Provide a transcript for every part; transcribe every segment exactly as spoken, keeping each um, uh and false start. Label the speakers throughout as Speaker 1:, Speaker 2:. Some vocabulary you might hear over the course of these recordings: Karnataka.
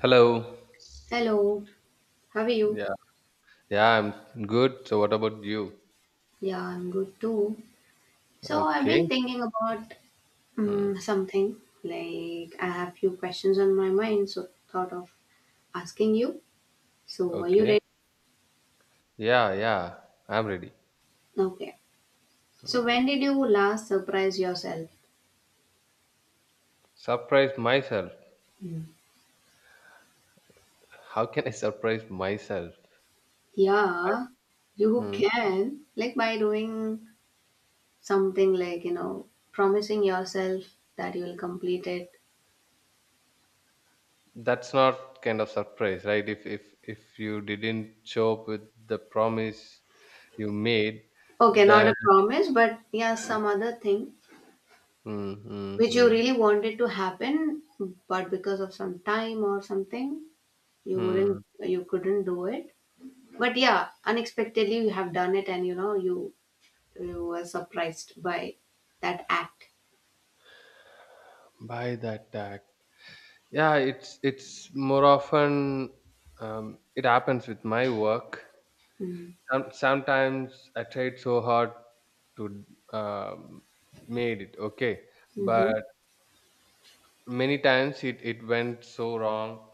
Speaker 1: Hello.
Speaker 2: Hello, how are you?
Speaker 1: Yeah. Yeah, I'm good. So what about you?
Speaker 2: Yeah, I'm good too. So I've
Speaker 1: Okay.
Speaker 2: been thinking about
Speaker 1: Mm.
Speaker 2: um, something like I have few questions on my mind, so thought of asking you. So are you
Speaker 1: Okay.
Speaker 2: ready?
Speaker 1: Yeah, yeah. I'm ready.
Speaker 2: Okay. So
Speaker 1: Mm.
Speaker 2: when did you last surprise yourself?
Speaker 1: Surprise myself.
Speaker 2: Mm.
Speaker 1: How can I surprise myself?
Speaker 2: Yeah, you
Speaker 1: Mm.
Speaker 2: can like by doing something like you know promising yourself that you will complete it.
Speaker 1: That's not kind of surprise, right? If if if you didn't show up with the promise you made,
Speaker 2: Okay, not
Speaker 1: then
Speaker 2: a promise, but yeah, some other thing
Speaker 1: mm, mm,
Speaker 2: which you
Speaker 1: mm,
Speaker 2: really wanted to happen but because of some time or something you
Speaker 1: mm
Speaker 2: wouldn't you couldn't do it but yeah unexpectedly you have done it and you know you you were surprised by that act.
Speaker 1: by that act. Yeah, it's it's more often um, it happens with my work.
Speaker 2: Mm-hmm.
Speaker 1: Some, sometimes I tried so hard to um, made it okay,
Speaker 2: Mm-hmm.
Speaker 1: but many times it, it went so wrong,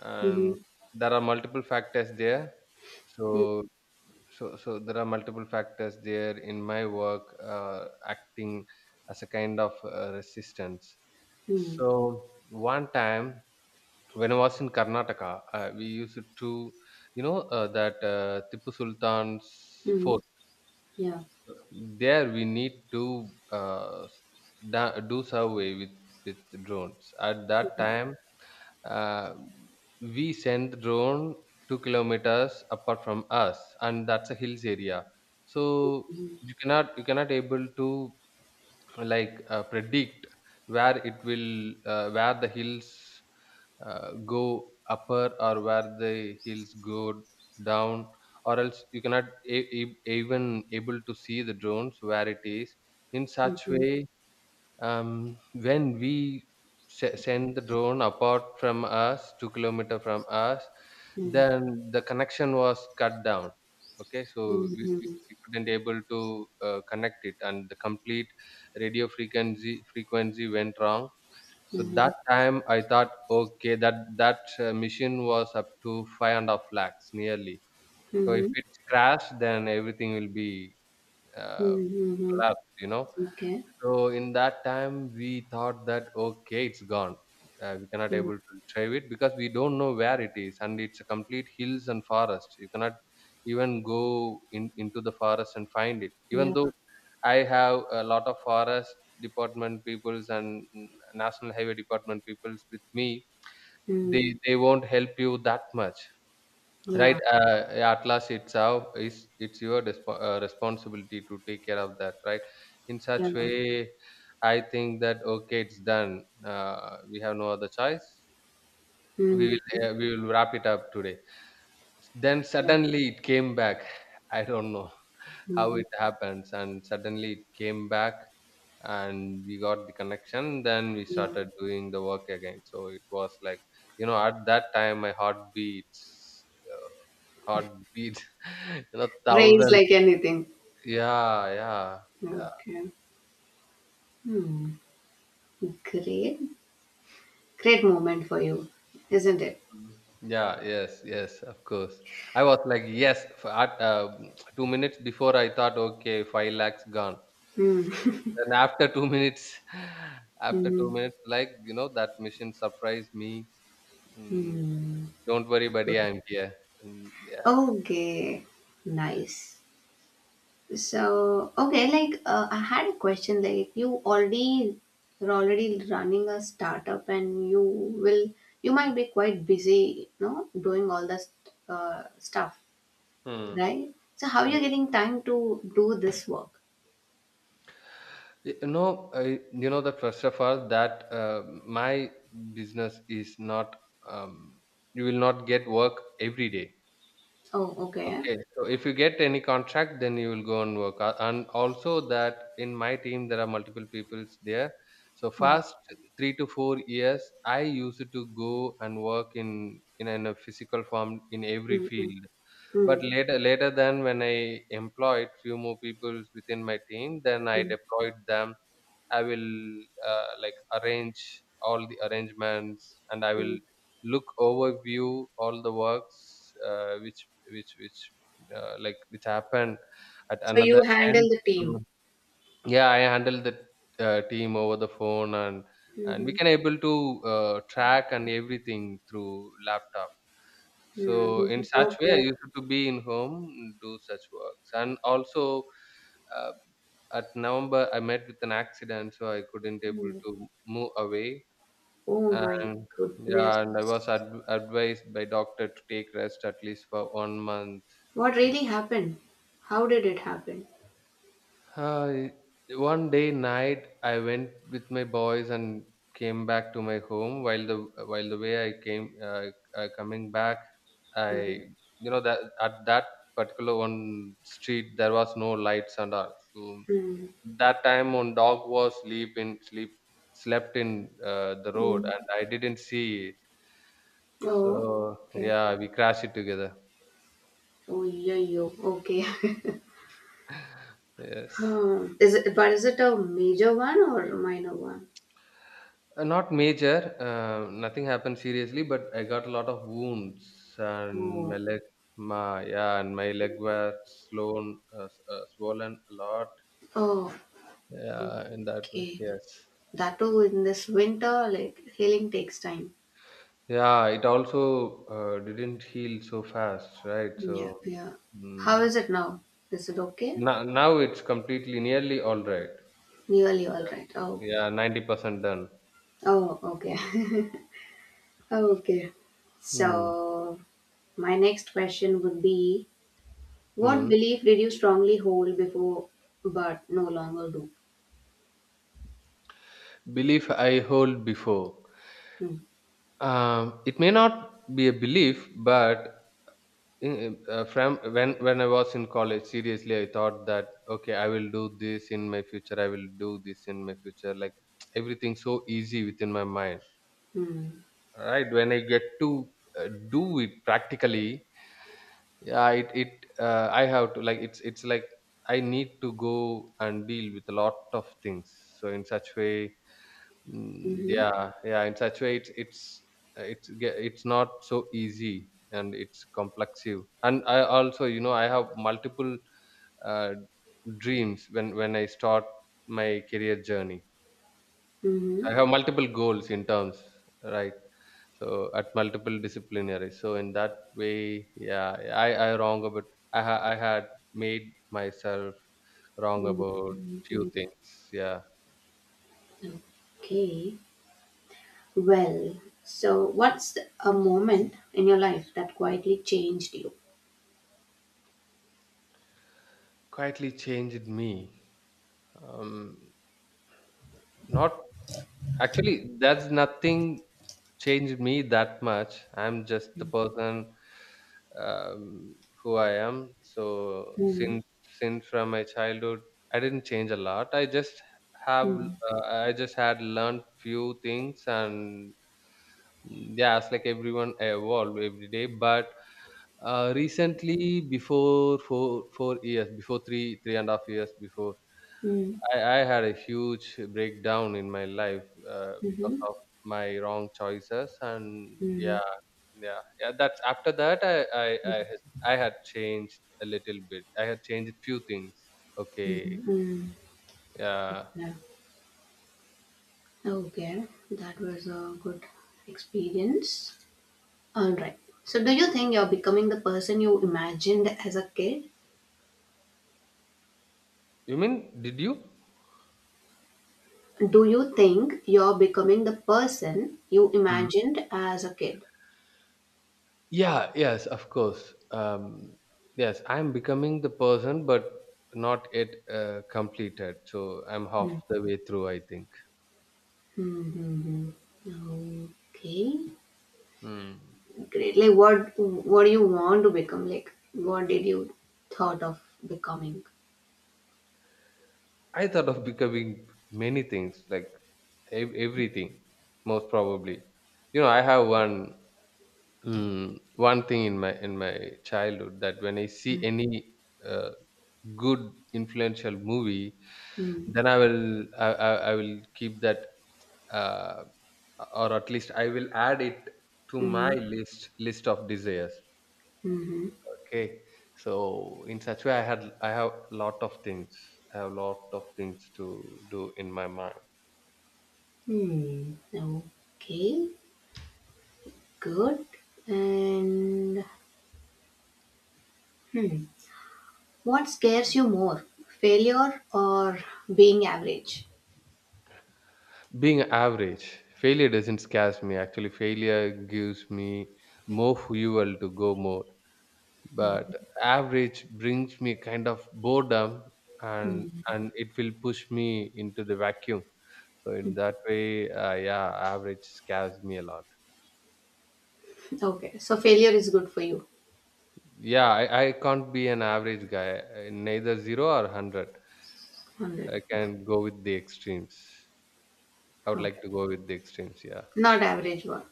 Speaker 1: and
Speaker 2: Mm-hmm.
Speaker 1: there are multiple factors there. So so so there are multiple factors there in my work, uh, acting as a kind of uh, resistance.
Speaker 2: Mm-hmm.
Speaker 1: So one time when I was in Karnataka, uh, we used to, you know, uh, that uh, Tipu Sultan's
Speaker 2: Mm-hmm.
Speaker 1: fort.
Speaker 2: Yeah.
Speaker 1: There we need to uh, da- do survey with with drones. At that time uh, we send drone two kilometers apart from us, and that's a hills area, so
Speaker 2: Mm-hmm.
Speaker 1: you cannot you cannot able to, like, uh, predict where it will, uh, where the hills, uh, go upper or where the hills go down, or else you cannot a- a- even able to see the drones where it is. In such
Speaker 2: Mm-hmm.
Speaker 1: way, um, when we se- send the drone apart from us two kilometer from us,
Speaker 2: Mm-hmm.
Speaker 1: then the connection was cut down. Okay, so we, we we couldn't able to uh, connect it, and the complete radio frequency frequency went wrong. So
Speaker 2: Mm-hmm.
Speaker 1: that time I thought, okay, that that uh, machine was up to five and a half lakhs nearly. So if
Speaker 2: Mm-hmm.
Speaker 1: it's crashed, then everything will be, uh,
Speaker 2: Mm-hmm.
Speaker 1: collapsed, you know.
Speaker 2: Okay.
Speaker 1: So in that time, we thought that, okay, it's gone. Uh, we cannot
Speaker 2: Yeah,
Speaker 1: able to retrieve it because we don't know where it is, and it's a complete hills and forest. You cannot even go in, into the forest and find it. Even
Speaker 2: yeah.
Speaker 1: though I have a lot of forest department peoples and mm, national highway department peoples with me,
Speaker 2: Mm.
Speaker 1: they they won't help you that much, right?
Speaker 2: Yeah,
Speaker 1: Uh, yeah, at last it's our is it's your desp- uh, responsibility to take care of that, right? In
Speaker 2: yeah.
Speaker 1: such way, I think that, okay, it's done. Uh, we have no other choice. We
Speaker 2: Mm.
Speaker 1: will uh, we will wrap it up today. Then
Speaker 2: Yeah.
Speaker 1: suddenly it came back. I don't know how
Speaker 2: Mm.
Speaker 1: it happens, and suddenly it came back, and we got the connection. Then we
Speaker 2: Yeah.
Speaker 1: started doing the work again. So it was like, you know, at that time my heartbeats, uh, heartbeat, you know,
Speaker 2: Rains
Speaker 1: thousand.
Speaker 2: like anything.
Speaker 1: Yeah, yeah, yeah.
Speaker 2: Okay. Hmm. Great. Great moment for you, isn't it?
Speaker 1: Mhm. Yeah, yes, yes, of course. I was like, yes, for at, uh, two minutes before I thought, okay, five lakhs gone.
Speaker 2: Hmm.
Speaker 1: Then after two minutes, after two
Speaker 2: Hmm.
Speaker 1: minutes like, you know, that mission surprised me. Mm,
Speaker 2: Hmm.
Speaker 1: don't worry, buddy.
Speaker 2: Good.
Speaker 1: I'm here. Mm, yeah.
Speaker 2: Okay. Nice. So, okay, like uh, I had a question. Like you already, you're already running a startup, and you will, you might be quite busy, you know, doing all this uh, stuff,
Speaker 1: Hmm.
Speaker 2: right? So, how are
Speaker 1: Hmm.
Speaker 2: you getting time to do this work?
Speaker 1: Y- No, I, you know that, first of all, that uh, my business is not. Um, you will not get work every day.
Speaker 2: Oh, okay.
Speaker 1: Okay, so if you get any contract, then you will go and work. Uh, And also that in my team there are multiple peoples there. So first three to four years, I used to go and work in in, in a physical form in every
Speaker 2: Mm-hmm.
Speaker 1: field. But
Speaker 2: Mm,
Speaker 1: later, later than, when I employed few more people within my team, then I
Speaker 2: mm,
Speaker 1: deployed them. I will, uh, like, arrange all the arrangements, and I will
Speaker 2: mm.
Speaker 1: look overview all the works, uh, which which which uh, like which happened at
Speaker 2: So you
Speaker 1: another end.
Speaker 2: handle the
Speaker 1: to-
Speaker 2: team.
Speaker 1: Yeah, I handle the, uh, team over the phone, and and we
Speaker 2: Mhm,
Speaker 1: can able to, uh, track and everything through laptop.
Speaker 2: mhm.
Speaker 1: So in such way, I
Speaker 2: Okay.
Speaker 1: used to be in home, do such works, and also, uh, at November I met with an accident, so I couldn't able
Speaker 2: Mm.
Speaker 1: to move away,
Speaker 2: Oh my
Speaker 1: and
Speaker 2: goodness.
Speaker 1: yeah, and I was ad- advised by doctor to take rest at least for one month.
Speaker 2: What
Speaker 1: So,
Speaker 2: really happened? How did it happen?
Speaker 1: hi. One day night, I went with my boys and came back to my home. While the while the way I came, uh, uh, coming back, I,
Speaker 2: Mhm,
Speaker 1: you know that at that particular one street there was no lights and all. So
Speaker 2: mhm,
Speaker 1: that time one dog was sleep in sleep slept in, uh, the road,
Speaker 2: mhm.
Speaker 1: and I didn't see it.
Speaker 2: Oh,
Speaker 1: So
Speaker 2: okay.
Speaker 1: yeah, we crashed it together.
Speaker 2: Oh, yeah, yo. Okay.
Speaker 1: Yes.
Speaker 2: Hmm. is it, but is it a major one or a minor one?
Speaker 1: Uh, not major, uh, nothing happened seriously, but I got a lot of wounds and my
Speaker 2: Oh,
Speaker 1: leg, my, yeah, and my leg were swollen, uh, s- uh, swollen a lot.
Speaker 2: oh,
Speaker 1: Yeah, in that way,
Speaker 2: okay.
Speaker 1: yes.
Speaker 2: That too in this winter, like healing takes time.
Speaker 1: Yeah, it also uh, didn't heal so fast, right?
Speaker 2: Yeah,
Speaker 1: So
Speaker 2: yeah. How
Speaker 1: mm,
Speaker 2: is it now? Is it okay?
Speaker 1: now, now it's completely nearly all right.
Speaker 2: Nearly all right. Oh,
Speaker 1: Yeah, ninety percent done.
Speaker 2: oh, okay. Okay.
Speaker 1: Hmm.
Speaker 2: So, my next question would be: what
Speaker 1: Hmm.
Speaker 2: belief did you strongly hold before but no longer do?
Speaker 1: Belief I hold before.
Speaker 2: Hmm.
Speaker 1: Um, it may not be a belief, but in- uh, from when when I was in college, seriously I thought that, okay, I will do this in my future, I will do this in my future, like everything so easy within my mind,
Speaker 2: Hmm.
Speaker 1: right? When I get to, uh, do it practically, yeah, it it uh, I have to, like, it's it's like I need to go and deal with a lot of things. So in such way. Mm,
Speaker 2: Mm-hmm.
Speaker 1: yeah, yeah. In such way, it's it's uh, it's, ge- it's not so easy, and it's complexive. And I also, you know, I have multiple, uh, dreams when when I start my career journey.
Speaker 2: Mm-hmm.
Speaker 1: So I have multiple goals in terms, right? So at multiple disciplinary. So in that way, yeah, I I wrong about, I ha- I had made myself wrong about few
Speaker 2: Mm-hmm.
Speaker 1: things. Yeah,
Speaker 2: Okay. Well, so what's a moment in your life that quietly changed you?
Speaker 1: quietly changed me. Um, Not actually, that's nothing changed me that much. I'm just the person, um, who I am. So
Speaker 2: Hmm.
Speaker 1: since since from my childhood, I didn't change a lot. I just have,
Speaker 2: Hmm.
Speaker 1: uh, I just had learned few things, and mm, yeah, it's like everyone I evolve every day. But uh, recently, before four four years, before three three and a half years before,
Speaker 2: Hmm.
Speaker 1: I, I had a huge breakdown in my life uh, because
Speaker 2: Mm-hmm.
Speaker 1: of my wrong choices, and
Speaker 2: Mm-hmm.
Speaker 1: yeah, yeah, yeah, that's after that I, I i had I had changed a little bit, I had changed few things. Okay,
Speaker 2: Mm-hmm.
Speaker 1: yeah.
Speaker 2: Okay, that was a good experience. All right. So, do you think you're becoming the person you imagined as a kid?
Speaker 1: You mean, did you?
Speaker 2: Do you think you're becoming the person you
Speaker 1: Mm.
Speaker 2: imagined as a kid?
Speaker 1: Yeah, yes, of course. Um, yes, I'm becoming the person, but not yet, uh, completed. So I'm half the way through, I think.
Speaker 2: Mm-hmm. Okay,
Speaker 1: Hmm.
Speaker 2: great. Like, what what do you want to become? Like, what did you thought of becoming?
Speaker 1: I thought of becoming many things, like, ev- everything most probably. You know, I have one, mm, one thing in my in my childhood that when I see any, uh, good influential movie,
Speaker 2: Mm-hmm.
Speaker 1: then i will i, I, I will keep that, uh, or at least I will add it to my list list of desires.
Speaker 2: Mm-hmm.
Speaker 1: Okay, so in such way i had I have lot of things, I have lot of things to do in my mind.
Speaker 2: Hmm. Okay, good. And what scares you more, failure or being average?
Speaker 1: Being average. Failure doesn't scares me. Actually, failure gives me more fuel to go more, but average brings me kind of boredom, and
Speaker 2: Hmm.
Speaker 1: and it will push me into the vacuum. So in that way, uh, yeah, average scares me a lot.
Speaker 2: Okay, so failure is good for you
Speaker 1: Yeah, I, I can't be an average guy, uh, neither zero or one hundred.
Speaker 2: on that.
Speaker 1: I can go with the extremes, i would
Speaker 2: Okay,
Speaker 1: like to go with the extremes yeah.
Speaker 2: not average one.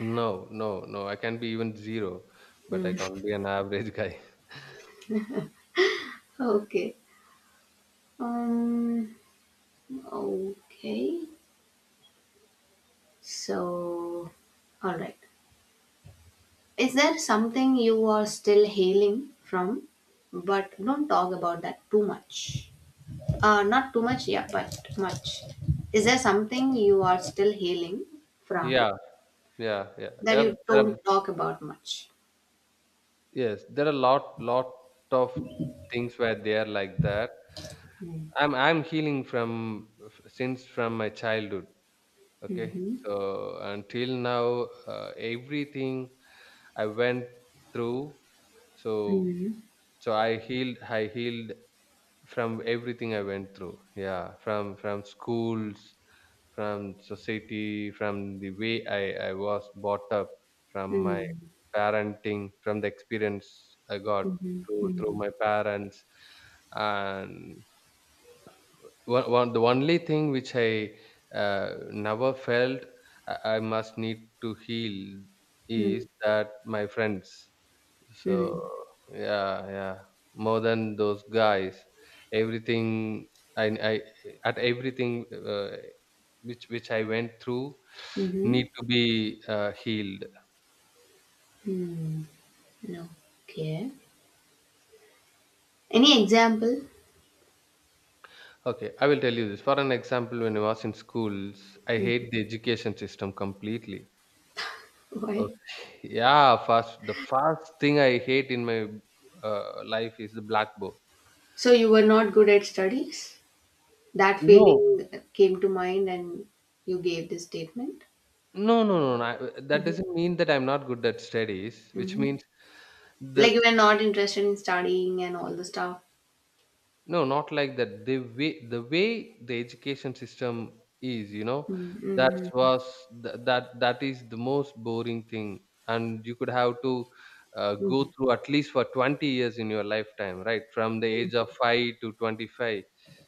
Speaker 1: No, no, no. I can be even zero, but I
Speaker 2: Hmm.
Speaker 1: can't be an average guy.
Speaker 2: Okay. Um. Okay. So, all right. Is there something you are still healing from, but don't talk about that too much? Uh, not too much, yeah, but much. Is there something you are still healing from
Speaker 1: Yeah, yeah, yeah,
Speaker 2: that
Speaker 1: yeah,
Speaker 2: you
Speaker 1: there are,
Speaker 2: don't talk about much?
Speaker 1: yes, there are lot, lot of things where they are like that.
Speaker 2: Mm,
Speaker 1: I'm, I'm healing from f- since from my childhood. Okay,
Speaker 2: mhm,
Speaker 1: so until now, uh, everything I went through. So,
Speaker 2: mhm,
Speaker 1: so I healed. I healed from everything I went through. Yeah, from from schools, from society, from the way I, I was brought up, from
Speaker 2: mm,
Speaker 1: my
Speaker 2: mhm,
Speaker 1: parenting, from the experience I got through through
Speaker 2: mhm,
Speaker 1: my parents, and one, one, the only thing which I, uh, never felt I, I must need to heal,
Speaker 2: mm,
Speaker 1: is that my friends. So
Speaker 2: mm,
Speaker 1: yeah, yeah, more than those guys, everything I I at everything. Uh, which which I went through need
Speaker 2: mhm,
Speaker 1: to be, uh, healed.
Speaker 2: mm. Okay. Any example?
Speaker 1: Okay, I will tell you this. For an example, when I was in schools, I
Speaker 2: Mm,
Speaker 1: hate the education system completely.
Speaker 2: why?
Speaker 1: Okay. Yeah, first, the first thing I hate in my, uh, life is the blackboard.
Speaker 2: So you were not good at studies? That
Speaker 1: No,
Speaker 2: feeling came to mind and you gave this statement?
Speaker 1: no, no, no. no. I- that
Speaker 2: Mm-hmm.
Speaker 1: doesn't mean that I'm not good at studies, which
Speaker 2: Mm-hmm.
Speaker 1: means
Speaker 2: Like
Speaker 1: the.
Speaker 2: you were not interested in studying and all the stuff.
Speaker 1: No, not like that. The way the way the education system is, you know, that
Speaker 2: Mm-hmm.
Speaker 1: was, th- that that is the most boring thing, and you could have to, uh, go
Speaker 2: Mm-hmm.
Speaker 1: through at least for twenty years in your lifetime, right? From the age of five to twenty-five,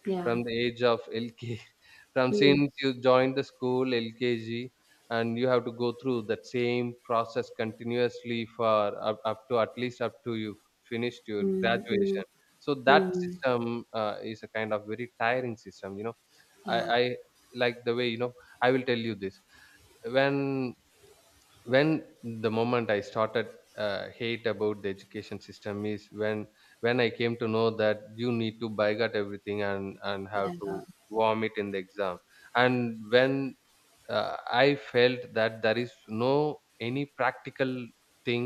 Speaker 2: Yeah.
Speaker 1: from the age of L K from since you joined the school L K G, and you have to go through that same process continuously for up, up to at least up to you finished your
Speaker 2: Mm-hmm.
Speaker 1: graduation. So that system uh, is a kind of very tiring system, you know I,
Speaker 2: Yeah. Yeah.
Speaker 1: I like the way you know I will tell you this. When when the moment I started uh, hate about the education system is when when I came to know that you need to boycott everything and and have to vomit in the exam. And when uh, I felt that there is no any practical thing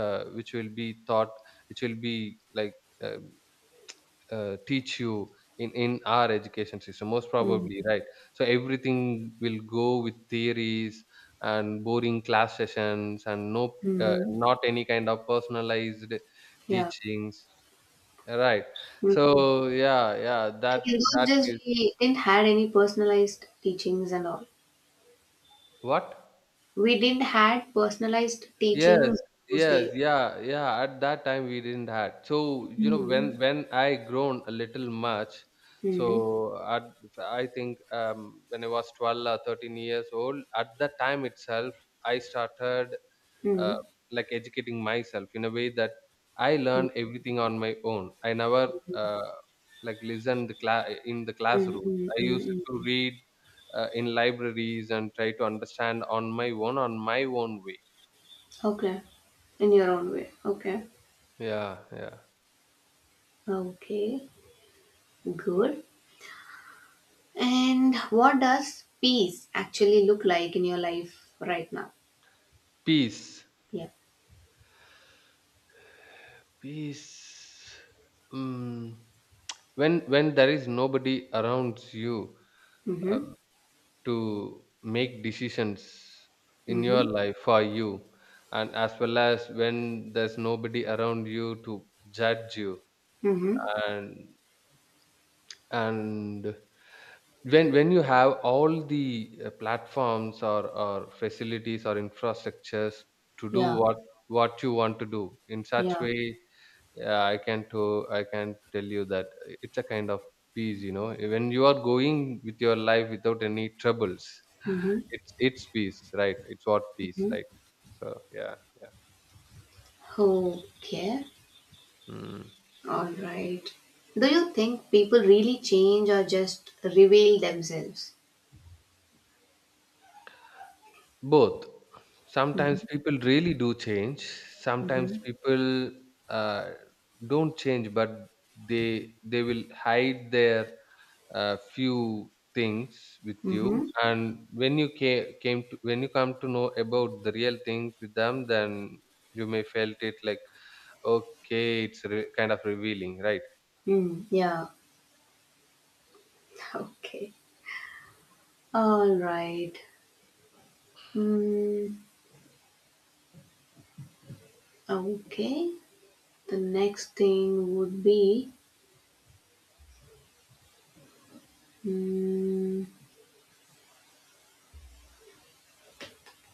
Speaker 1: uh, which will be taught, which will be like uh, uh, teach you in in our education system, most probably, right? So everything will go with theories and boring class sessions, and no uh,
Speaker 2: Mm-hmm.
Speaker 1: not any kind of personalized
Speaker 2: Yeah.
Speaker 1: teachings, right?
Speaker 2: Mm.
Speaker 1: So yeah yeah that
Speaker 2: Like in those
Speaker 1: That
Speaker 2: days,
Speaker 1: is
Speaker 2: we didn't had any personalized teachings and all.
Speaker 1: what.
Speaker 2: We didn't had personalized
Speaker 1: Yes,
Speaker 2: teachings those days.
Speaker 1: yes, yeah, yeah. At that time we didn't had. So you know, when
Speaker 2: Mm.
Speaker 1: when I grown a little much, so
Speaker 2: Mm.
Speaker 1: at I think um, when I was twelve or thirteen years old, at that time itself I started uh,
Speaker 2: Mm.
Speaker 1: like educating myself in a way that I
Speaker 2: Mm.
Speaker 1: learned everything on my own. I never uh, like listened the cla- in the
Speaker 2: Mm.
Speaker 1: classroom.
Speaker 2: Mm.
Speaker 1: I used
Speaker 2: Mm.
Speaker 1: to
Speaker 2: Mm.
Speaker 1: read uh, in libraries and try to understand on my own, on my own way.
Speaker 2: Okay. In your own way. Okay.
Speaker 1: Yeah, yeah.
Speaker 2: Okay. Good. And what does peace actually look like in your life right now?
Speaker 1: Peace.
Speaker 2: Yeah.
Speaker 1: Peace. Mm. When when there is nobody around you
Speaker 2: Mm-hmm.
Speaker 1: um, to make decisions in your
Speaker 2: Mm-hmm.
Speaker 1: life for you, and as well as when there's nobody around you to judge you,
Speaker 2: Mm-hmm.
Speaker 1: and and when when you have all the uh, platforms or or facilities or infrastructures to do
Speaker 2: Yeah.
Speaker 1: what what you want to do in such
Speaker 2: Yeah.
Speaker 1: way. Yeah, i can to I can tell you that it's a kind of peace, you know, when you are going with your life without any troubles.
Speaker 2: Mm-hmm.
Speaker 1: It's it's peace, right? It's what peace,
Speaker 2: Mm-hmm.
Speaker 1: right? So yeah, yeah,
Speaker 2: Okay.
Speaker 1: mm.
Speaker 2: All right. Do you think people really change or just reveal themselves?
Speaker 1: Both.
Speaker 2: Mm-hmm.
Speaker 1: Sometimes people really do change. Sometimes
Speaker 2: Mm-hmm.
Speaker 1: people uh, don't change, but they they will hide their a few things with you,
Speaker 2: Mm-hmm.
Speaker 1: and when you came, came to, when you come to know about the real things with them, then you may felt it like okay, it's re- kind of revealing, right?
Speaker 2: Mm, yeah. Okay. All right. Mm, okay. The next thing would be mm,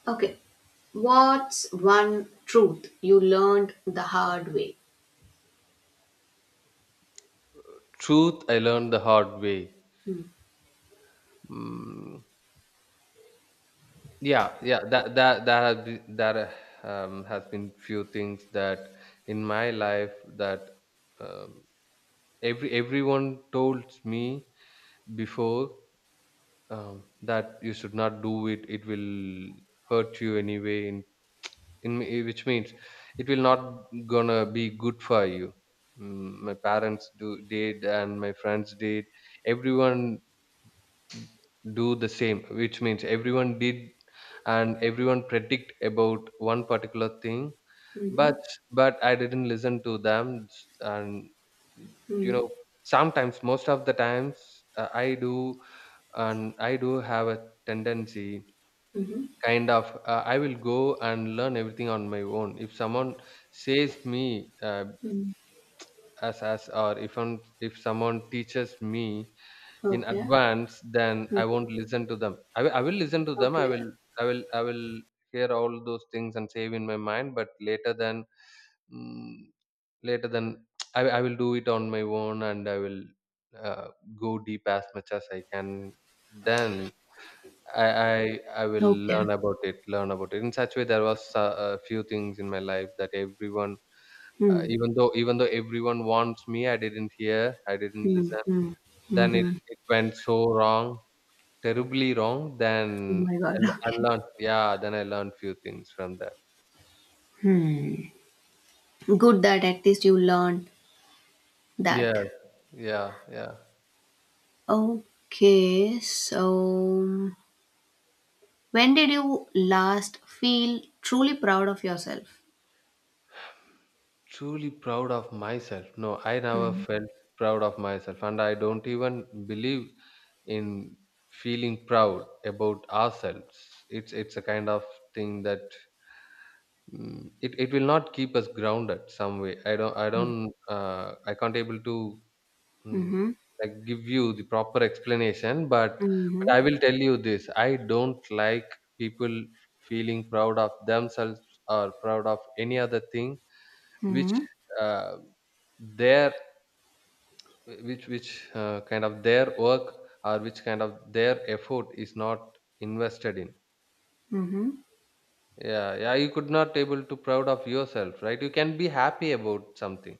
Speaker 2: okay. What's one truth you learned the hard way?
Speaker 1: Truth I learned the hard way.
Speaker 2: Mm.
Speaker 1: Mm, yeah, yeah, that that that has been, that uh, um, has been few things that in my life that, um, every everyone told me before um, that you should not do it, it will hurt you anyway in, in m- which means it will not gonna be good for you. Mm, my parents do did, and my friends did. Everyone do the same, which means everyone did, and everyone predict about one particular thing.
Speaker 2: Mm-hmm.
Speaker 1: But but I didn't listen to them, s- and you
Speaker 2: Mm,
Speaker 1: know, sometimes most of the times uh, I do, and I do have a tendency.
Speaker 2: mm-hmm.
Speaker 1: Kind of, uh, I will go and learn everything on my own. If someone says me uh,
Speaker 2: Mm.
Speaker 1: as as, or if I if someone teaches me in
Speaker 2: Okay.
Speaker 1: advance, then
Speaker 2: Mm.
Speaker 1: I won't listen to them. I will I will listen to them. I
Speaker 2: Okay.
Speaker 1: will, I will, I will hear all those things and save in my mind. But later than, mm, later than, I I will do it on my own, and I will uh, go deep as much as I can. Then I I I will
Speaker 2: Okay.
Speaker 1: learn about it, learn about it. In such way, there was a, a few things in my life that everyone, uh,
Speaker 2: Hmm.
Speaker 1: even though even though everyone wants me, I didn't hear, I didn't
Speaker 2: Hmm.
Speaker 1: listen. Then it it went so wrong, terribly wrong.
Speaker 2: Oh my
Speaker 1: Then
Speaker 2: god.
Speaker 1: I, l- I learned, yeah. Then I learned few things from that.
Speaker 2: Hmm. Good that at least you learned
Speaker 1: Yeah,
Speaker 2: that.
Speaker 1: yeah, yeah.
Speaker 2: Okay, so when did you last feel truly proud of yourself?
Speaker 1: Truly proud of myself? No, I never felt proud of myself, and I don't even believe in feeling proud about ourselves. It's it's a kind of thing that, mm, it, it will not keep us grounded some way. i don't i
Speaker 2: Mm-hmm.
Speaker 1: don't uh, i can't able to, mm,
Speaker 2: Mm-hmm.
Speaker 1: like give you the proper explanation, but but
Speaker 2: Mm-hmm.
Speaker 1: I will tell you this: I don't like people feeling proud of themselves or proud of any other thing which
Speaker 2: Mm-hmm.
Speaker 1: uh, their which which uh, kind of their work or which kind of their effort is not invested in.
Speaker 2: Mm-hmm.
Speaker 1: Yeah, yeah, you could not able to proud of yourself, right? You can be happy about something,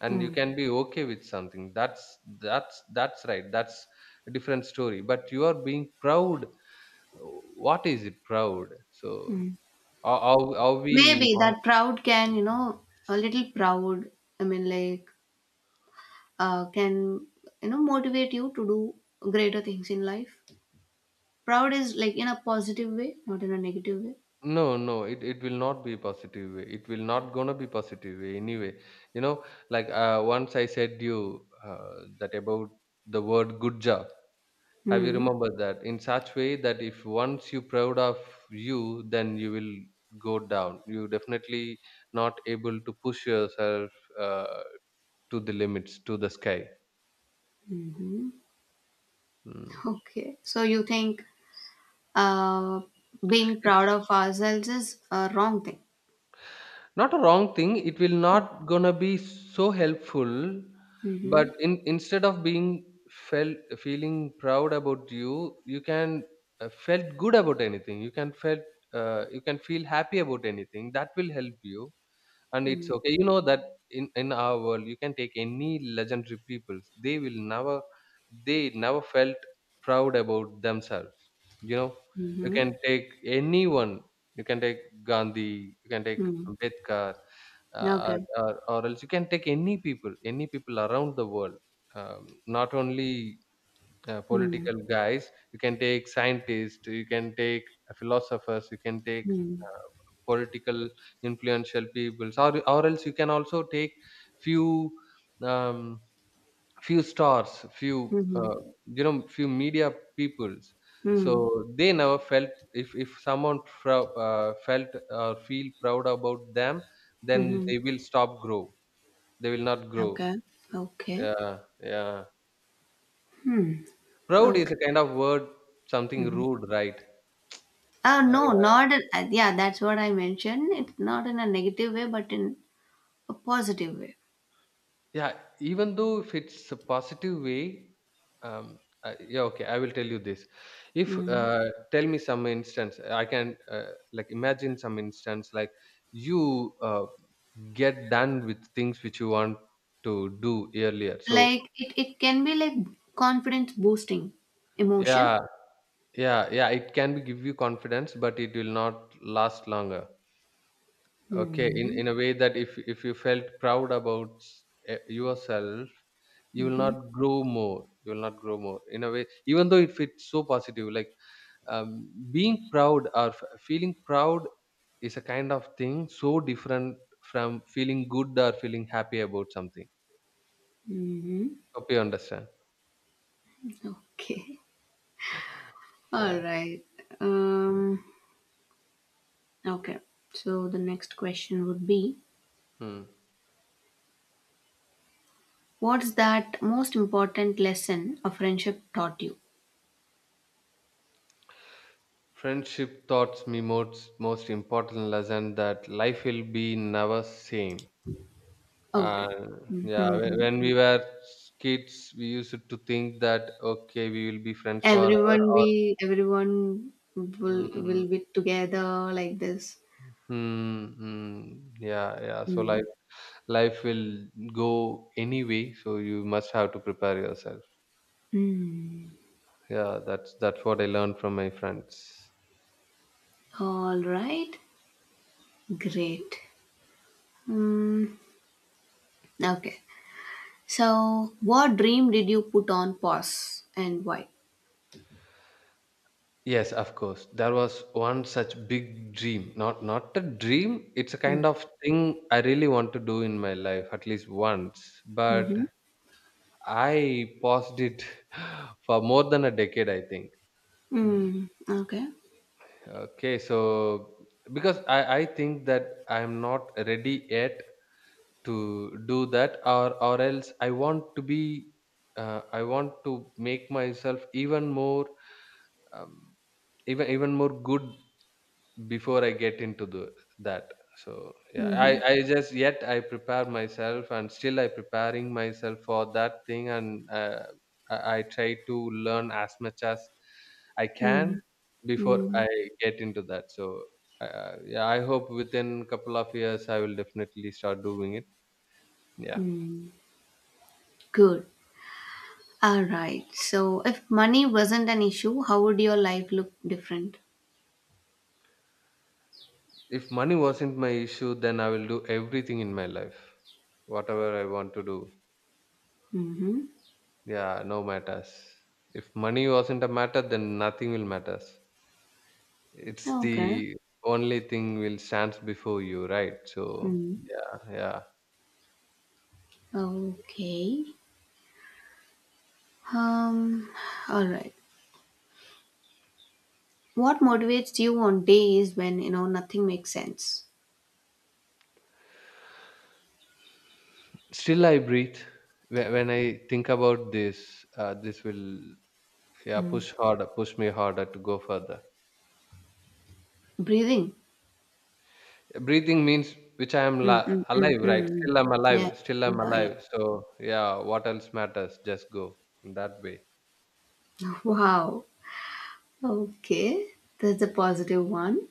Speaker 1: and you can be okay with something. That's that's that's right, that's a different story. But you are being proud, what is it proud? So
Speaker 2: Mm-hmm.
Speaker 1: how how, how we.
Speaker 2: Maybe that proud can, you know, a little proud, I mean, like, uh, can, you know, motivate you to do greater things in life. Proud is like in a positive way, not in a negative way.
Speaker 1: No, no, it, it will not be positive way. It will not gonna be positive way anyway. You know, like uh, once I said you uh, that about the word good job. Have you
Speaker 2: Hmm.
Speaker 1: remembered that? In such way that if once you proud of you, then you will go down. You definitely not able to push yourself uh, to the limits, to the sky. Mm.
Speaker 2: Okay. So you think Uh, being proud of ourselves is a wrong thing.
Speaker 1: Not a wrong thing, it will not gonna be so helpful. But
Speaker 2: Mhm.
Speaker 1: in instead of being felt feeling proud about you, you can uh, felt good about anything. You can felt uh, you can feel happy about anything, that will help you, and it's
Speaker 2: Mm.
Speaker 1: okay, you know that. In in our world, you can take any legendary peoples, they will never, they never felt proud about themselves, you know. You can
Speaker 2: Mhm.
Speaker 1: take anyone. You can take Gandhi. You can take
Speaker 2: Mm.
Speaker 1: Ambedkar, uh, or,
Speaker 2: Okay.
Speaker 1: or or else you can take any people, any people around the world, um, not only uh,
Speaker 2: Mm.
Speaker 1: political guys. You can take scientists, you can take uh, philosophers, you can take
Speaker 2: Mm.
Speaker 1: uh, political influential people, or, or else you can also take few, um, few stars, few
Speaker 2: Mhm.
Speaker 1: uh, you know, few media peoples. So
Speaker 2: Mm.
Speaker 1: they never felt, if if someone prou- uh, felt or feel proud about them, then
Speaker 2: Mhm.
Speaker 1: they will stop grow. They will not grow.
Speaker 2: Okay. Okay.
Speaker 1: Yeah, yeah.
Speaker 2: Hmm.
Speaker 1: Proud is
Speaker 2: Okay.
Speaker 1: a kind of word, something
Speaker 2: Mhm.
Speaker 1: rude, right?
Speaker 2: Uh,
Speaker 1: I,
Speaker 2: no,
Speaker 1: I
Speaker 2: not in, uh, yeah, that's what I mentioned. It's not in a negative way, but in a positive way.
Speaker 1: yeah, even though if it's a positive way, um, I, yeah, okay, I will tell you this. If
Speaker 2: Mm.
Speaker 1: uh, tell me some instance, I can uh, like imagine some instance like you uh, get done with things which you want to do earlier. So
Speaker 2: Like it, it can be like confidence boosting emotion.
Speaker 1: yeah, yeah, yeah, it can be give you confidence, but it will not last longer. Okay, in
Speaker 2: Hmm.
Speaker 1: in a way that if if you felt proud about s- eh, yourself. You will not grow more. You will not grow more in a way, even though if it's so positive, like um, being proud or f- feeling proud is a kind of thing so different from feeling good or feeling happy about something.
Speaker 2: Mm-hmm.
Speaker 1: Hope you understand.
Speaker 2: Okay. All
Speaker 1: Yeah.
Speaker 2: right. Um, okay. So the next question would be:
Speaker 1: Hmm.
Speaker 2: what's that most important lesson a friendship taught you?
Speaker 1: Friendship taught me most most important lesson that life will be never same.
Speaker 2: Okay.
Speaker 1: And yeah, whe- when
Speaker 2: Hmm.
Speaker 1: we were kids, we used to think that okay, we will be friends forever,
Speaker 2: Everyone
Speaker 1: or
Speaker 2: be everyone will
Speaker 1: mm,
Speaker 2: will be together like this.
Speaker 1: mm, mm, yeah, yeah. So
Speaker 2: Mm.
Speaker 1: life life will go anyway, so you must have to prepare yourself.
Speaker 2: Mm.
Speaker 1: Yeah, that's that's what I learned from my friends.
Speaker 2: All right. Great. Mm. Okay. So what dream did you put on pause and why?
Speaker 1: Yes, of course. There was one such big dream. Not not a dream, it's a
Speaker 2: Mm.
Speaker 1: kind of thing I really want to do in my life, at least once.
Speaker 2: Mm-hmm.
Speaker 1: But I paused it for more than a decade, I think. Mm.
Speaker 2: Mm. Okay.
Speaker 1: Okay, so because I, I think that I'm not ready yet to do that, or or else I want to be uh, I want to make myself even more, um, even even more good before I get into the that. So yeah, I
Speaker 2: Mm-hmm.
Speaker 1: I just yet I prepare myself, and still I preparing myself for that thing. And uh, i I try to learn as much as I can
Speaker 2: Mm-hmm.
Speaker 1: before
Speaker 2: Mhm.
Speaker 1: I get into that. So uh, yeah, I hope within couple of years I will definitely start doing it, yeah.
Speaker 2: Good. All right. So, if money wasn't an issue, how would your life look different?
Speaker 1: If money wasn't my issue, then I will do everything in my life, whatever I want to do.
Speaker 2: Mm-hmm.
Speaker 1: Yeah, no matters. If money wasn't a matter, then nothing will matters. It's
Speaker 2: Okay.
Speaker 1: the only thing will stands before you, right? So
Speaker 2: Mm.
Speaker 1: yeah, yeah.
Speaker 2: Okay. Um. All right. What motivates you on days when you know nothing makes sense?
Speaker 1: Still, I breathe. Whe- when I think about this. Uh, this will yeah
Speaker 2: Mm.
Speaker 1: push harder, push me harder to go further.
Speaker 2: Breathing.
Speaker 1: Breathing means which I am
Speaker 2: Mm,
Speaker 1: la-
Speaker 2: mm, mm,
Speaker 1: alive, right?
Speaker 2: mm.
Speaker 1: Still I'm alive,
Speaker 2: Yeah.
Speaker 1: still I'm
Speaker 2: Yeah. Yeah.
Speaker 1: alive, so yeah, what else matters? Just go in that way.
Speaker 2: Wow. Okay. That's a positive one.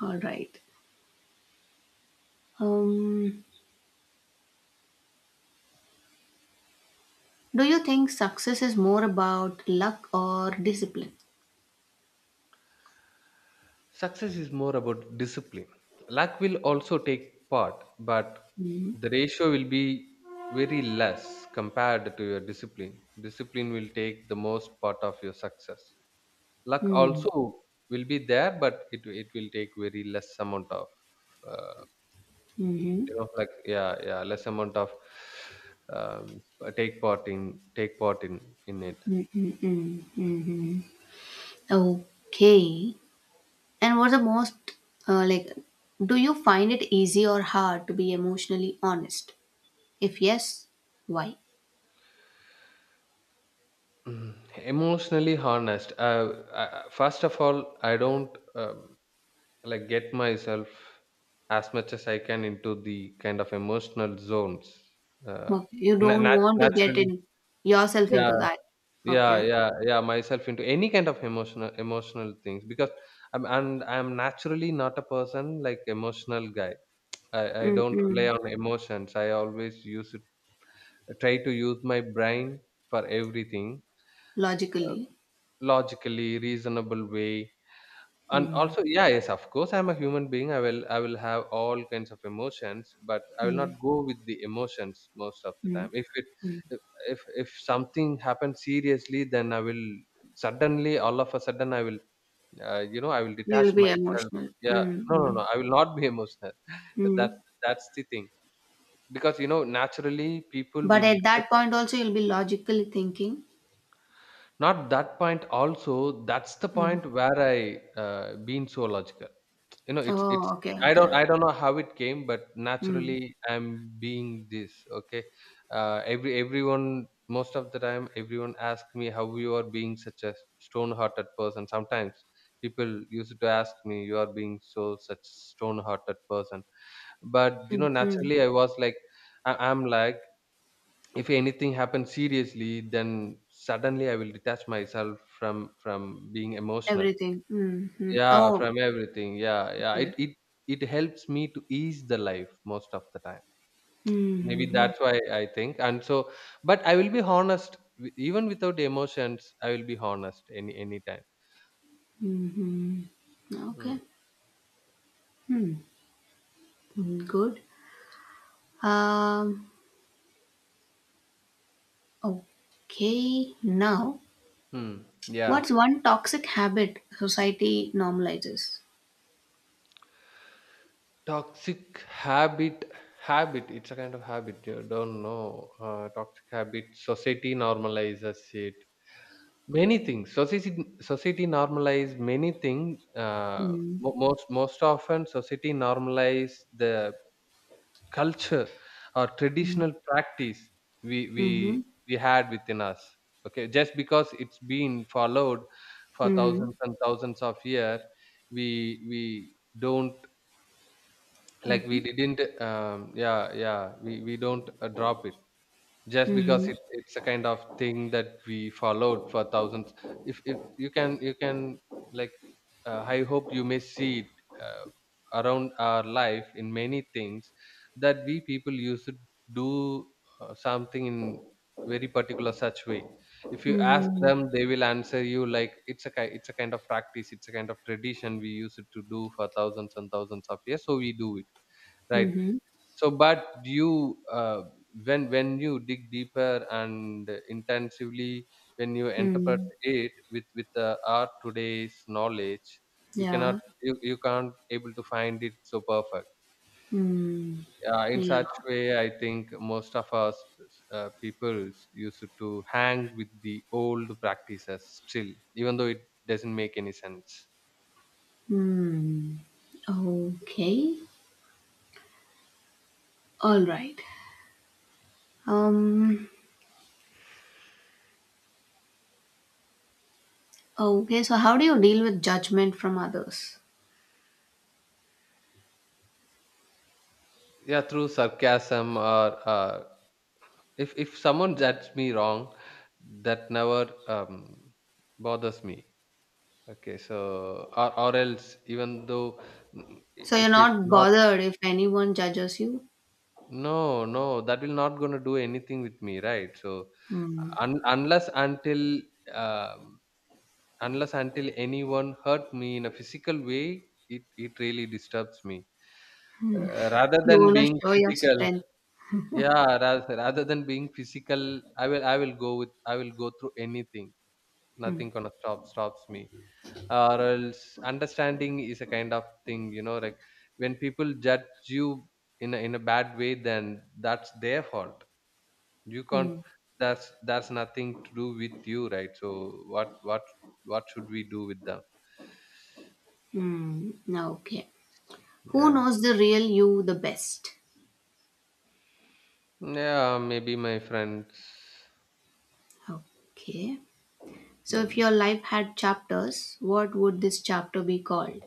Speaker 2: All right. Um. Do you think success is more about luck or discipline?
Speaker 1: Success is more about discipline. Luck will also take part, but
Speaker 2: Mm-hmm.
Speaker 1: the ratio will be very less compared to your discipline discipline will take the most part of your success. Luck also will be there, but it it will take very less amount of uh,
Speaker 2: Mm-hmm.
Speaker 1: you know, like yeah, yeah, less amount of, um, take part in take part in in it
Speaker 2: Okay. And what's the most, uh, like, do you find it easy or hard to be emotionally honest? If yes, why?
Speaker 1: Mm, emotionally harnessed uh, I, first of all, I don't, um, like get myself as much as I can into the kind of emotional zones, uh,
Speaker 2: Okay. You
Speaker 1: na-
Speaker 2: don't
Speaker 1: nat-
Speaker 2: want to get
Speaker 1: naturally.
Speaker 2: in yourself into
Speaker 1: yeah
Speaker 2: that.
Speaker 1: yeah
Speaker 2: Okay.
Speaker 1: yeah yeah myself into any kind of emotional emotional things because I'm, and I'm naturally not a person like emotional guy. I, I don't rely
Speaker 2: Mm-mm.
Speaker 1: on emotions. I always use it, I try to use my brain for everything
Speaker 2: Logically.
Speaker 1: logically, reasonable way. And
Speaker 2: Mm.
Speaker 1: also, yeah, yes, of course, I'm a human being. I will, I will have all kinds of emotions, but I will not
Speaker 2: Mm.
Speaker 1: go with the emotions most of the
Speaker 2: Mm.
Speaker 1: time. If it,
Speaker 2: Mm.
Speaker 1: if, if if something happens seriously, then I will suddenly, all of a sudden, I will, uh, you know, I will detach
Speaker 2: You'll be
Speaker 1: myself.
Speaker 2: emotional.
Speaker 1: Yeah,
Speaker 2: Mm.
Speaker 1: no, no,
Speaker 2: Mm.
Speaker 1: no, I will not be emotional. That's
Speaker 2: Mm.
Speaker 1: that's the thing. Because, you know, naturally people
Speaker 2: But
Speaker 1: will
Speaker 2: at
Speaker 1: get
Speaker 2: that point also you'll be logically thinking.
Speaker 1: not that point also, that's the
Speaker 2: Mm.
Speaker 1: point where I uh, been so logical. You know, it's it's
Speaker 2: Oh, okay,
Speaker 1: I don't
Speaker 2: okay.
Speaker 1: I don't know how it came, but
Speaker 2: Mm,
Speaker 1: naturally I'm being this. Okay, uh, every everyone most of the time everyone asks me how you are being such a stone-hearted person. Sometimes people used to ask me you are being so such stone-hearted person, but you
Speaker 2: mm,
Speaker 1: know
Speaker 2: mm.
Speaker 1: naturally I was like I, I'm like if anything happens seriously then suddenly I will detach myself from from being emotional,
Speaker 2: Everything. Mhm.
Speaker 1: yeah,
Speaker 2: Oh,
Speaker 1: from everything, yeah, yeah,
Speaker 2: okay.
Speaker 1: it it it helps me to ease the life most of the time, maybe
Speaker 2: Mhm,
Speaker 1: that's why I think. And so but I will be honest, wi- even without emotions I will be honest any any time.
Speaker 2: mhm. Okay.
Speaker 1: Mm.
Speaker 2: Hmm. Mm, good. Um, okay. Now,
Speaker 1: Hmm.
Speaker 2: what's
Speaker 1: Yeah,
Speaker 2: one toxic habit society normalizes?
Speaker 1: toxic habit habit it's a kind of habit you don't know. Uh, toxic habit society normalizes it. Many things. Society society normalize many things. Uh,
Speaker 2: Mm,
Speaker 1: mo- most most often, society normalize the culture or
Speaker 2: mm,
Speaker 1: traditional practice we we
Speaker 2: mhm,
Speaker 1: we had within us. Okay, just because it's been followed for
Speaker 2: mm,
Speaker 1: thousands and thousands of years, we we don't, like we
Speaker 2: mhm,
Speaker 1: didn't. Um, yeah, yeah. We we don't uh, drop it just because
Speaker 2: mhm,
Speaker 1: it, it's a kind of thing that we followed for thousands. If, if you can you can like uh, I hope you may see it uh, around our life in many things that we people used to do uh, something in very particular such way. If you ask
Speaker 2: mhm,
Speaker 1: them they will answer you like it's a ki- it's a kind of practice, it's a kind of tradition we used to do for thousands and thousands of years, so we do it, right.
Speaker 2: mhm,
Speaker 1: So but you, uh, when when you dig deeper and intensively, when you interpret
Speaker 2: mhm.
Speaker 1: it with with uh, our today's knowledge, you cannot,
Speaker 2: Yeah.
Speaker 1: you, you can't able to find it so perfect
Speaker 2: Mm,
Speaker 1: uh, in
Speaker 2: yeah.
Speaker 1: such way. I think most of us uh, people used to hang with the old practices still, even though it doesn't make any sense.
Speaker 2: Hmm. Okay. All right. Um. Okay. So, how do you deal with judgment from others?
Speaker 1: Yeah, through sarcasm. Or uh, if if someone judges me wrong, that never, um, bothers me. Okay, so or, or else even though, mm,
Speaker 2: So you're
Speaker 1: if it
Speaker 2: not
Speaker 1: not,
Speaker 2: bothered if anyone judges you.
Speaker 1: no, no, that will not gonna do anything with me, right. So
Speaker 2: Hmm.
Speaker 1: un- unless until um unless until anyone hurt me in a physical way, it it really disturbs me. Uh, rather
Speaker 2: You
Speaker 1: than
Speaker 2: want to
Speaker 1: being
Speaker 2: show your
Speaker 1: physical,
Speaker 2: strength.
Speaker 1: yeah, rather, rather than being physical, i will i will go with i will go through anything.
Speaker 2: Hmm.
Speaker 1: Nothing gonna stop stops me. Or else, understanding is a kind of thing, you know, like when people judge you in a, in a bad way, then that's their fault. You can't,
Speaker 2: Hmm.
Speaker 1: that's that's nothing to do with you, right. So what what what should we do with them.
Speaker 2: Hmm. Okay. Who
Speaker 1: Yeah,
Speaker 2: knows the real you the best?
Speaker 1: yeah, maybe my friends.
Speaker 2: Okay. So, if
Speaker 1: Hmm.
Speaker 2: your life had chapters, what would this chapter be called?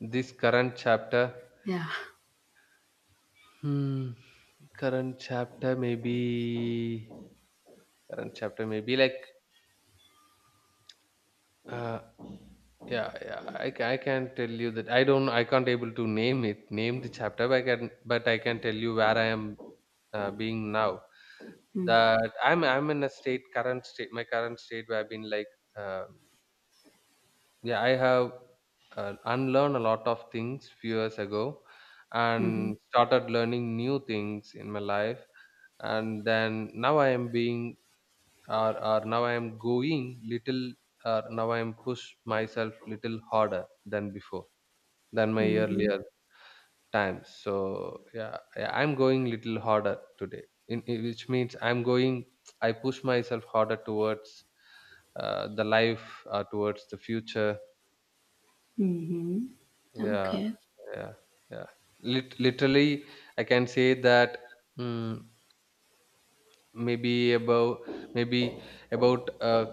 Speaker 1: This current chapter.
Speaker 2: Yeah.
Speaker 1: Hmm. Current chapter, maybe. Current chapter maybe like, uh, yeah, yeah. I, ca- I can tell you that I don't. I can't able to name it, name the chapter. But I can, but I can tell you where I am uh, being now.
Speaker 2: Hmm.
Speaker 1: That I'm, I'm in a state, current state, my current state where I've been like, uh, yeah, I have uh, unlearned a lot of things few years ago,
Speaker 2: Mm-hmm.
Speaker 1: and started learning new things in my life. And then now I am being, or or now I am going little, or now I am push myself little harder than before, than my
Speaker 2: Mm-hmm.
Speaker 1: earlier times. So yeah, I- I'm going little harder today in, in- which means I'm going, I push myself harder towards uh, the life or towards the future.
Speaker 2: Mm-hmm.
Speaker 1: Yeah,
Speaker 2: Okay.
Speaker 1: yeah, yeah. Lit- literally I can say that, mm, maybe about, maybe about, uh,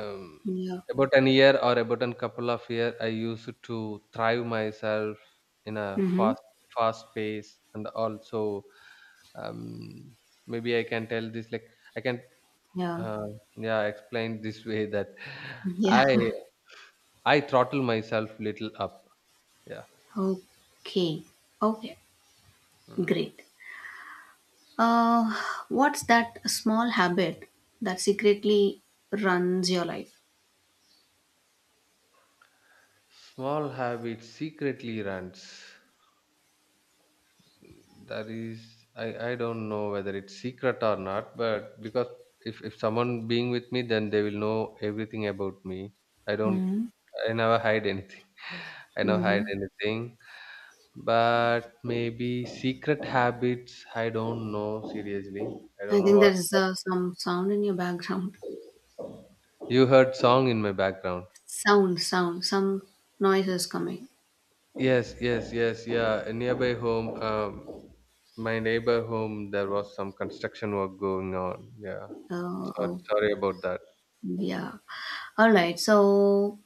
Speaker 1: um,
Speaker 2: Yeah.
Speaker 1: about an year or about a couple of year I used to thrive myself in a
Speaker 2: Mm-hmm.
Speaker 1: fast fast pace, and also, um, maybe I can tell this like I can,
Speaker 2: Yeah,
Speaker 1: uh, yeah, explain this way that
Speaker 2: yeah.
Speaker 1: i i throttle myself little up. Yeah.
Speaker 2: Okay, okay,
Speaker 1: Mm.
Speaker 2: great. Uh, what's that small habit that secretly runs your life?
Speaker 1: Small habit secretly runs. That is, I I don't know whether it's secret or not, but because if if someone being with me, then they will know everything about me. I don't.
Speaker 2: Hmm.
Speaker 1: I never hide anything. I never hide
Speaker 2: Mm-hmm.
Speaker 1: anything. But maybe secret habits. I don't know seriously. I
Speaker 2: I
Speaker 1: don't know
Speaker 2: think
Speaker 1: what.
Speaker 2: there's uh, some sound in your background.
Speaker 1: You heard song in my background.
Speaker 2: Sound, sound, some noise is coming.
Speaker 1: Yes, yes, yes, yeah. A nearby home, um, my neighbor home, there was some construction work going on. Yeah,
Speaker 2: Uh,
Speaker 1: sorry,
Speaker 2: oh,
Speaker 1: sorry about that.
Speaker 2: yeah. All right. So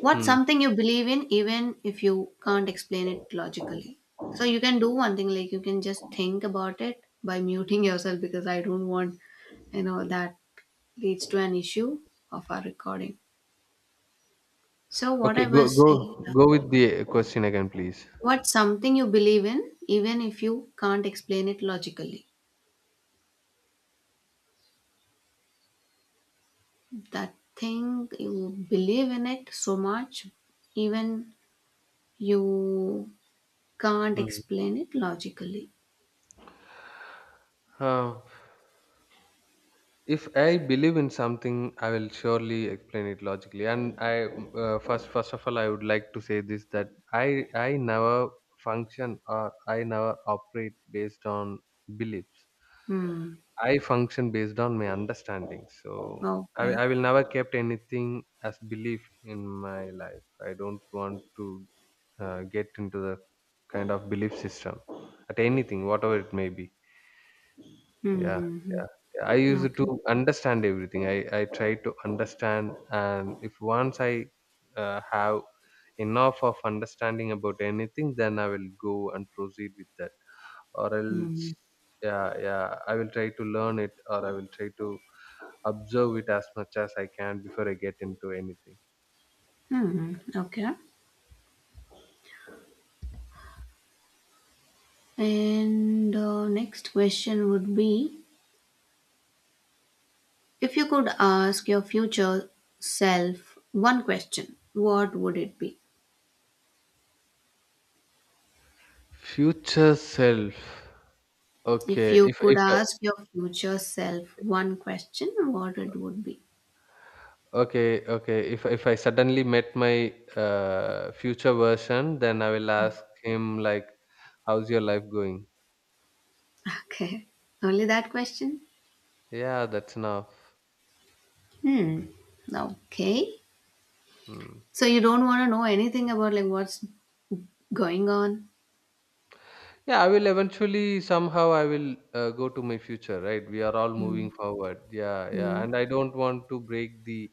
Speaker 2: what's something you believe in even if you can't explain it logically? So you can do one thing like you can just think about it by muting yourself because I don't want you know that leads to an issue of our recording. So what
Speaker 1: Okay,
Speaker 2: I
Speaker 1: go
Speaker 2: was
Speaker 1: go
Speaker 2: saying, uh,
Speaker 1: go with the question again, please.
Speaker 2: what's something you believe in even if you can't explain it logically? That thing you believe in it so much even you can't
Speaker 1: Mm.
Speaker 2: explain it logically.
Speaker 1: Uh, if I believe in something I will surely explain it logically. And I, uh, first first of all I would like to say this that i i never function, or I never operate based on beliefs.
Speaker 2: Hmm.
Speaker 1: I function based on my understanding. So i,
Speaker 2: Okay.
Speaker 1: I will never kept anything as belief in my life. I don't want to uh, get into the kind of belief system at anything whatever it may be.
Speaker 2: Hmm.
Speaker 1: Yeah,
Speaker 2: Hmm,
Speaker 1: yeah, yeah. I
Speaker 2: hmm.
Speaker 1: used to
Speaker 2: Okay.
Speaker 1: understand everything. I I try to understand, and if once I uh, have enough of understanding about anything, then I will go and proceed with that. Or else,
Speaker 2: Hmm.
Speaker 1: yeah, yeah, I will try to learn it, or I will try to observe it as much as I can before I get into anything.
Speaker 2: Hmm. Okay. And uh, next question would be: if you could ask your future self one question, what would it be?
Speaker 1: Future self.
Speaker 2: If
Speaker 1: Okay,
Speaker 2: you
Speaker 1: if
Speaker 2: could
Speaker 1: if
Speaker 2: ask your future self one question, what it would be?
Speaker 1: Okay, okay. If if I suddenly met my uh, future version, then I will ask him like, "How's your life going?"
Speaker 2: Okay. Only that question?
Speaker 1: Yeah, that's enough.
Speaker 2: Hmm. Okay.
Speaker 1: Hmm.
Speaker 2: So you don't want to know anything about like what's going on?
Speaker 1: Yeah, I will eventually somehow I will uh, go to my future, right? We are all
Speaker 2: Mm,
Speaker 1: moving forward. Yeah, yeah.
Speaker 2: mm,
Speaker 1: And I don't want to break the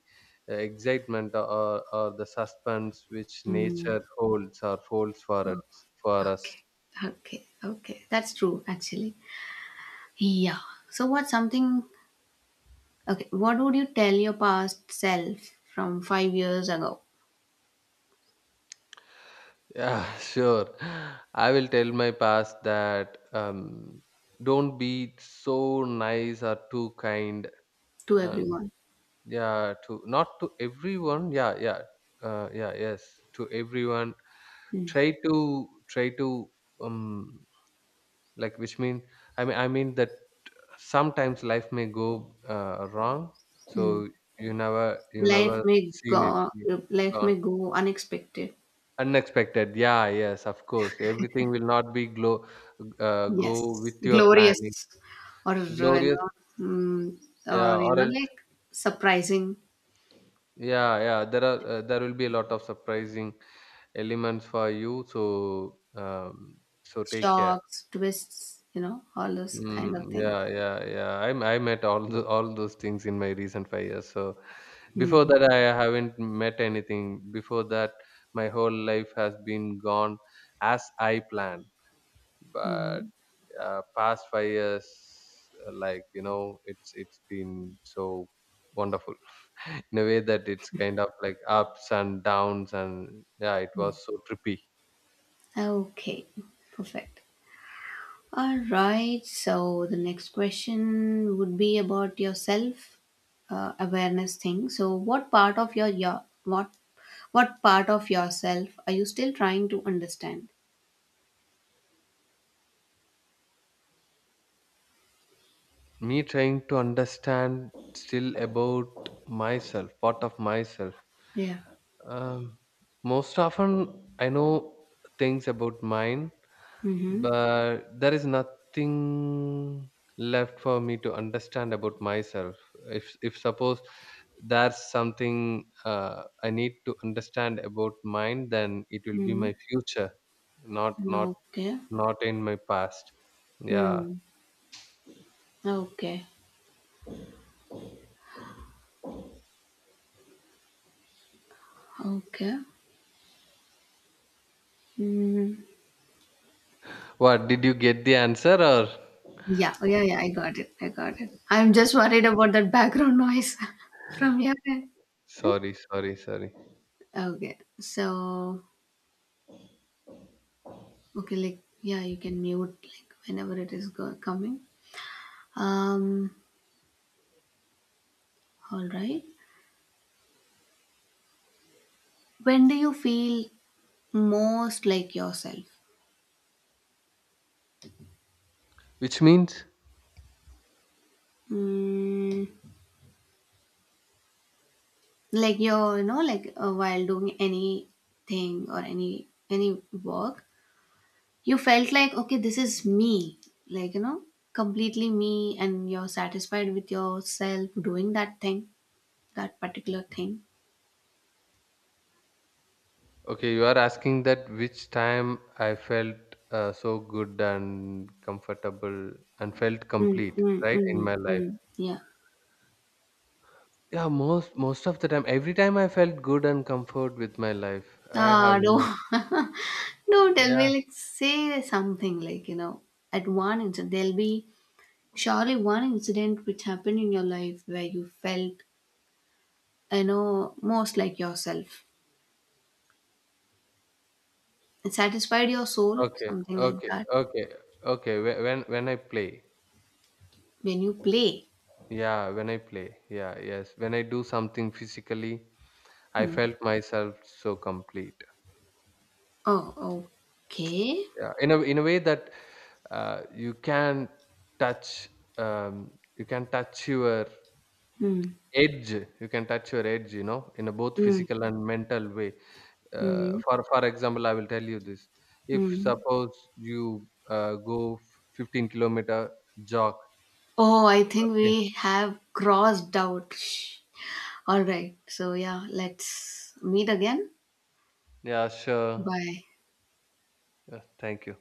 Speaker 1: uh, excitement or or the suspense which
Speaker 2: mm.
Speaker 1: nature holds or folds for us for us.
Speaker 2: Okay, okay, okay. That's true, actually. Yeah. So what's something okay, what would you tell your past self from five years ago
Speaker 1: Yeah, sure. I will tell my past that um, don't be so nice or too kind.
Speaker 2: to
Speaker 1: And
Speaker 2: everyone?
Speaker 1: yeah, to not to everyone. Yeah, yeah, uh, yeah. Yes, to everyone.
Speaker 2: Mm.
Speaker 1: Try to try to um, like which mean, I mean I mean that sometimes life may go uh, wrong.
Speaker 2: Mm.
Speaker 1: So you never you
Speaker 2: Life
Speaker 1: never
Speaker 2: may
Speaker 1: seen it.
Speaker 2: go Life
Speaker 1: Yeah.
Speaker 2: may go unexpected.
Speaker 1: Unexpected. Yeah, yes, of course. Everything will not be glow, uh, go
Speaker 2: Yes.
Speaker 1: with your planning.
Speaker 2: Glorious or you
Speaker 1: Glorious.
Speaker 2: know mm, or
Speaker 1: Yeah,
Speaker 2: you
Speaker 1: or
Speaker 2: know
Speaker 1: else,
Speaker 2: like surprising
Speaker 1: yeah, yeah. There are uh, there will be a lot of surprising elements for you. So um, so take care.
Speaker 2: shocks, twists, you know, all those kind of
Speaker 1: Mm,
Speaker 2: things.
Speaker 1: yeah, yeah, yeah. I I met all the, all those things in my recent five years. So
Speaker 2: Mm.
Speaker 1: before that, I haven't met anything. Before that, my whole life has been gone as I planned. But
Speaker 2: Mm.
Speaker 1: uh, past five years uh, like you know it's it's been so wonderful in a way that it's kind of like ups and downs, and yeah, it was so trippy.
Speaker 2: Okay. Perfect. All right, so the next question would be about your self uh, awareness thing. So what part of your, your what what part of yourself are you still trying to understand?
Speaker 1: Me trying to understand still about myself, part of myself,
Speaker 2: Yeah.
Speaker 1: um, most often I know things about mine.
Speaker 2: Mm-hmm.
Speaker 1: But there is nothing left for me to understand about myself. If if suppose there's something uh, I need to understand about mine, then it will be
Speaker 2: Mm-hmm.
Speaker 1: my future, not not
Speaker 2: Okay.
Speaker 1: not in my past. Yeah.
Speaker 2: Mm. Okay. Okay. Mm.
Speaker 1: What did you get the answer or?
Speaker 2: Yeah, oh, yeah, yeah, I got it. I got it. I'm just worried about that background noise from your end.
Speaker 1: Sorry, sorry, sorry.
Speaker 2: Okay. So okay, like yeah, you can mute like whenever it is go- coming. Um, all right. When do you feel most like yourself?
Speaker 1: Which means,
Speaker 2: Mm, like you're, you know, like uh, while doing anything or any any work, you felt like okay, this is me. Like you know, completely me, and you're satisfied with yourself doing that thing, that particular thing.
Speaker 1: okay, you are asking that which time I felt uh, so good and comfortable and felt
Speaker 2: Mm,
Speaker 1: complete,
Speaker 2: mm,
Speaker 1: right, in
Speaker 2: mm,
Speaker 1: my life.
Speaker 2: mm. Yeah.
Speaker 1: Yeah, most most of the time, every time I felt good and comfort with my life, I have
Speaker 2: Ah, don't,
Speaker 1: no.
Speaker 2: don't tell me,
Speaker 1: Yeah.
Speaker 2: like, say something, like, you know, at one incident, there'll be surely one incident which happened in your life where you felt, you know, most like yourself. It satisfied your soul,
Speaker 1: Okay.
Speaker 2: something like
Speaker 1: Okay.
Speaker 2: that,
Speaker 1: Okay. Okay. whe- When when I play,
Speaker 2: when you play.
Speaker 1: yeah, when I play, yeah, yes, when I do something physically, I
Speaker 2: Hmm.
Speaker 1: felt myself so complete.
Speaker 2: Oh, okay.
Speaker 1: Yeah, in a in a way that uh, you can touch, um, you can touch your
Speaker 2: Hmm.
Speaker 1: edge. You can touch your edge, you know, in a both
Speaker 2: Hmm.
Speaker 1: physical and mental way. Uh,
Speaker 2: Hmm.
Speaker 1: for for example, I will tell you this. If
Speaker 2: Hmm.
Speaker 1: suppose you uh, go fifteen kilometer jog.
Speaker 2: Oh, I think
Speaker 1: Okay.
Speaker 2: we have crossed out. All right. So, yeah, let's meet again.
Speaker 1: Yeah, sure.
Speaker 2: Bye.
Speaker 1: Yeah, thank you.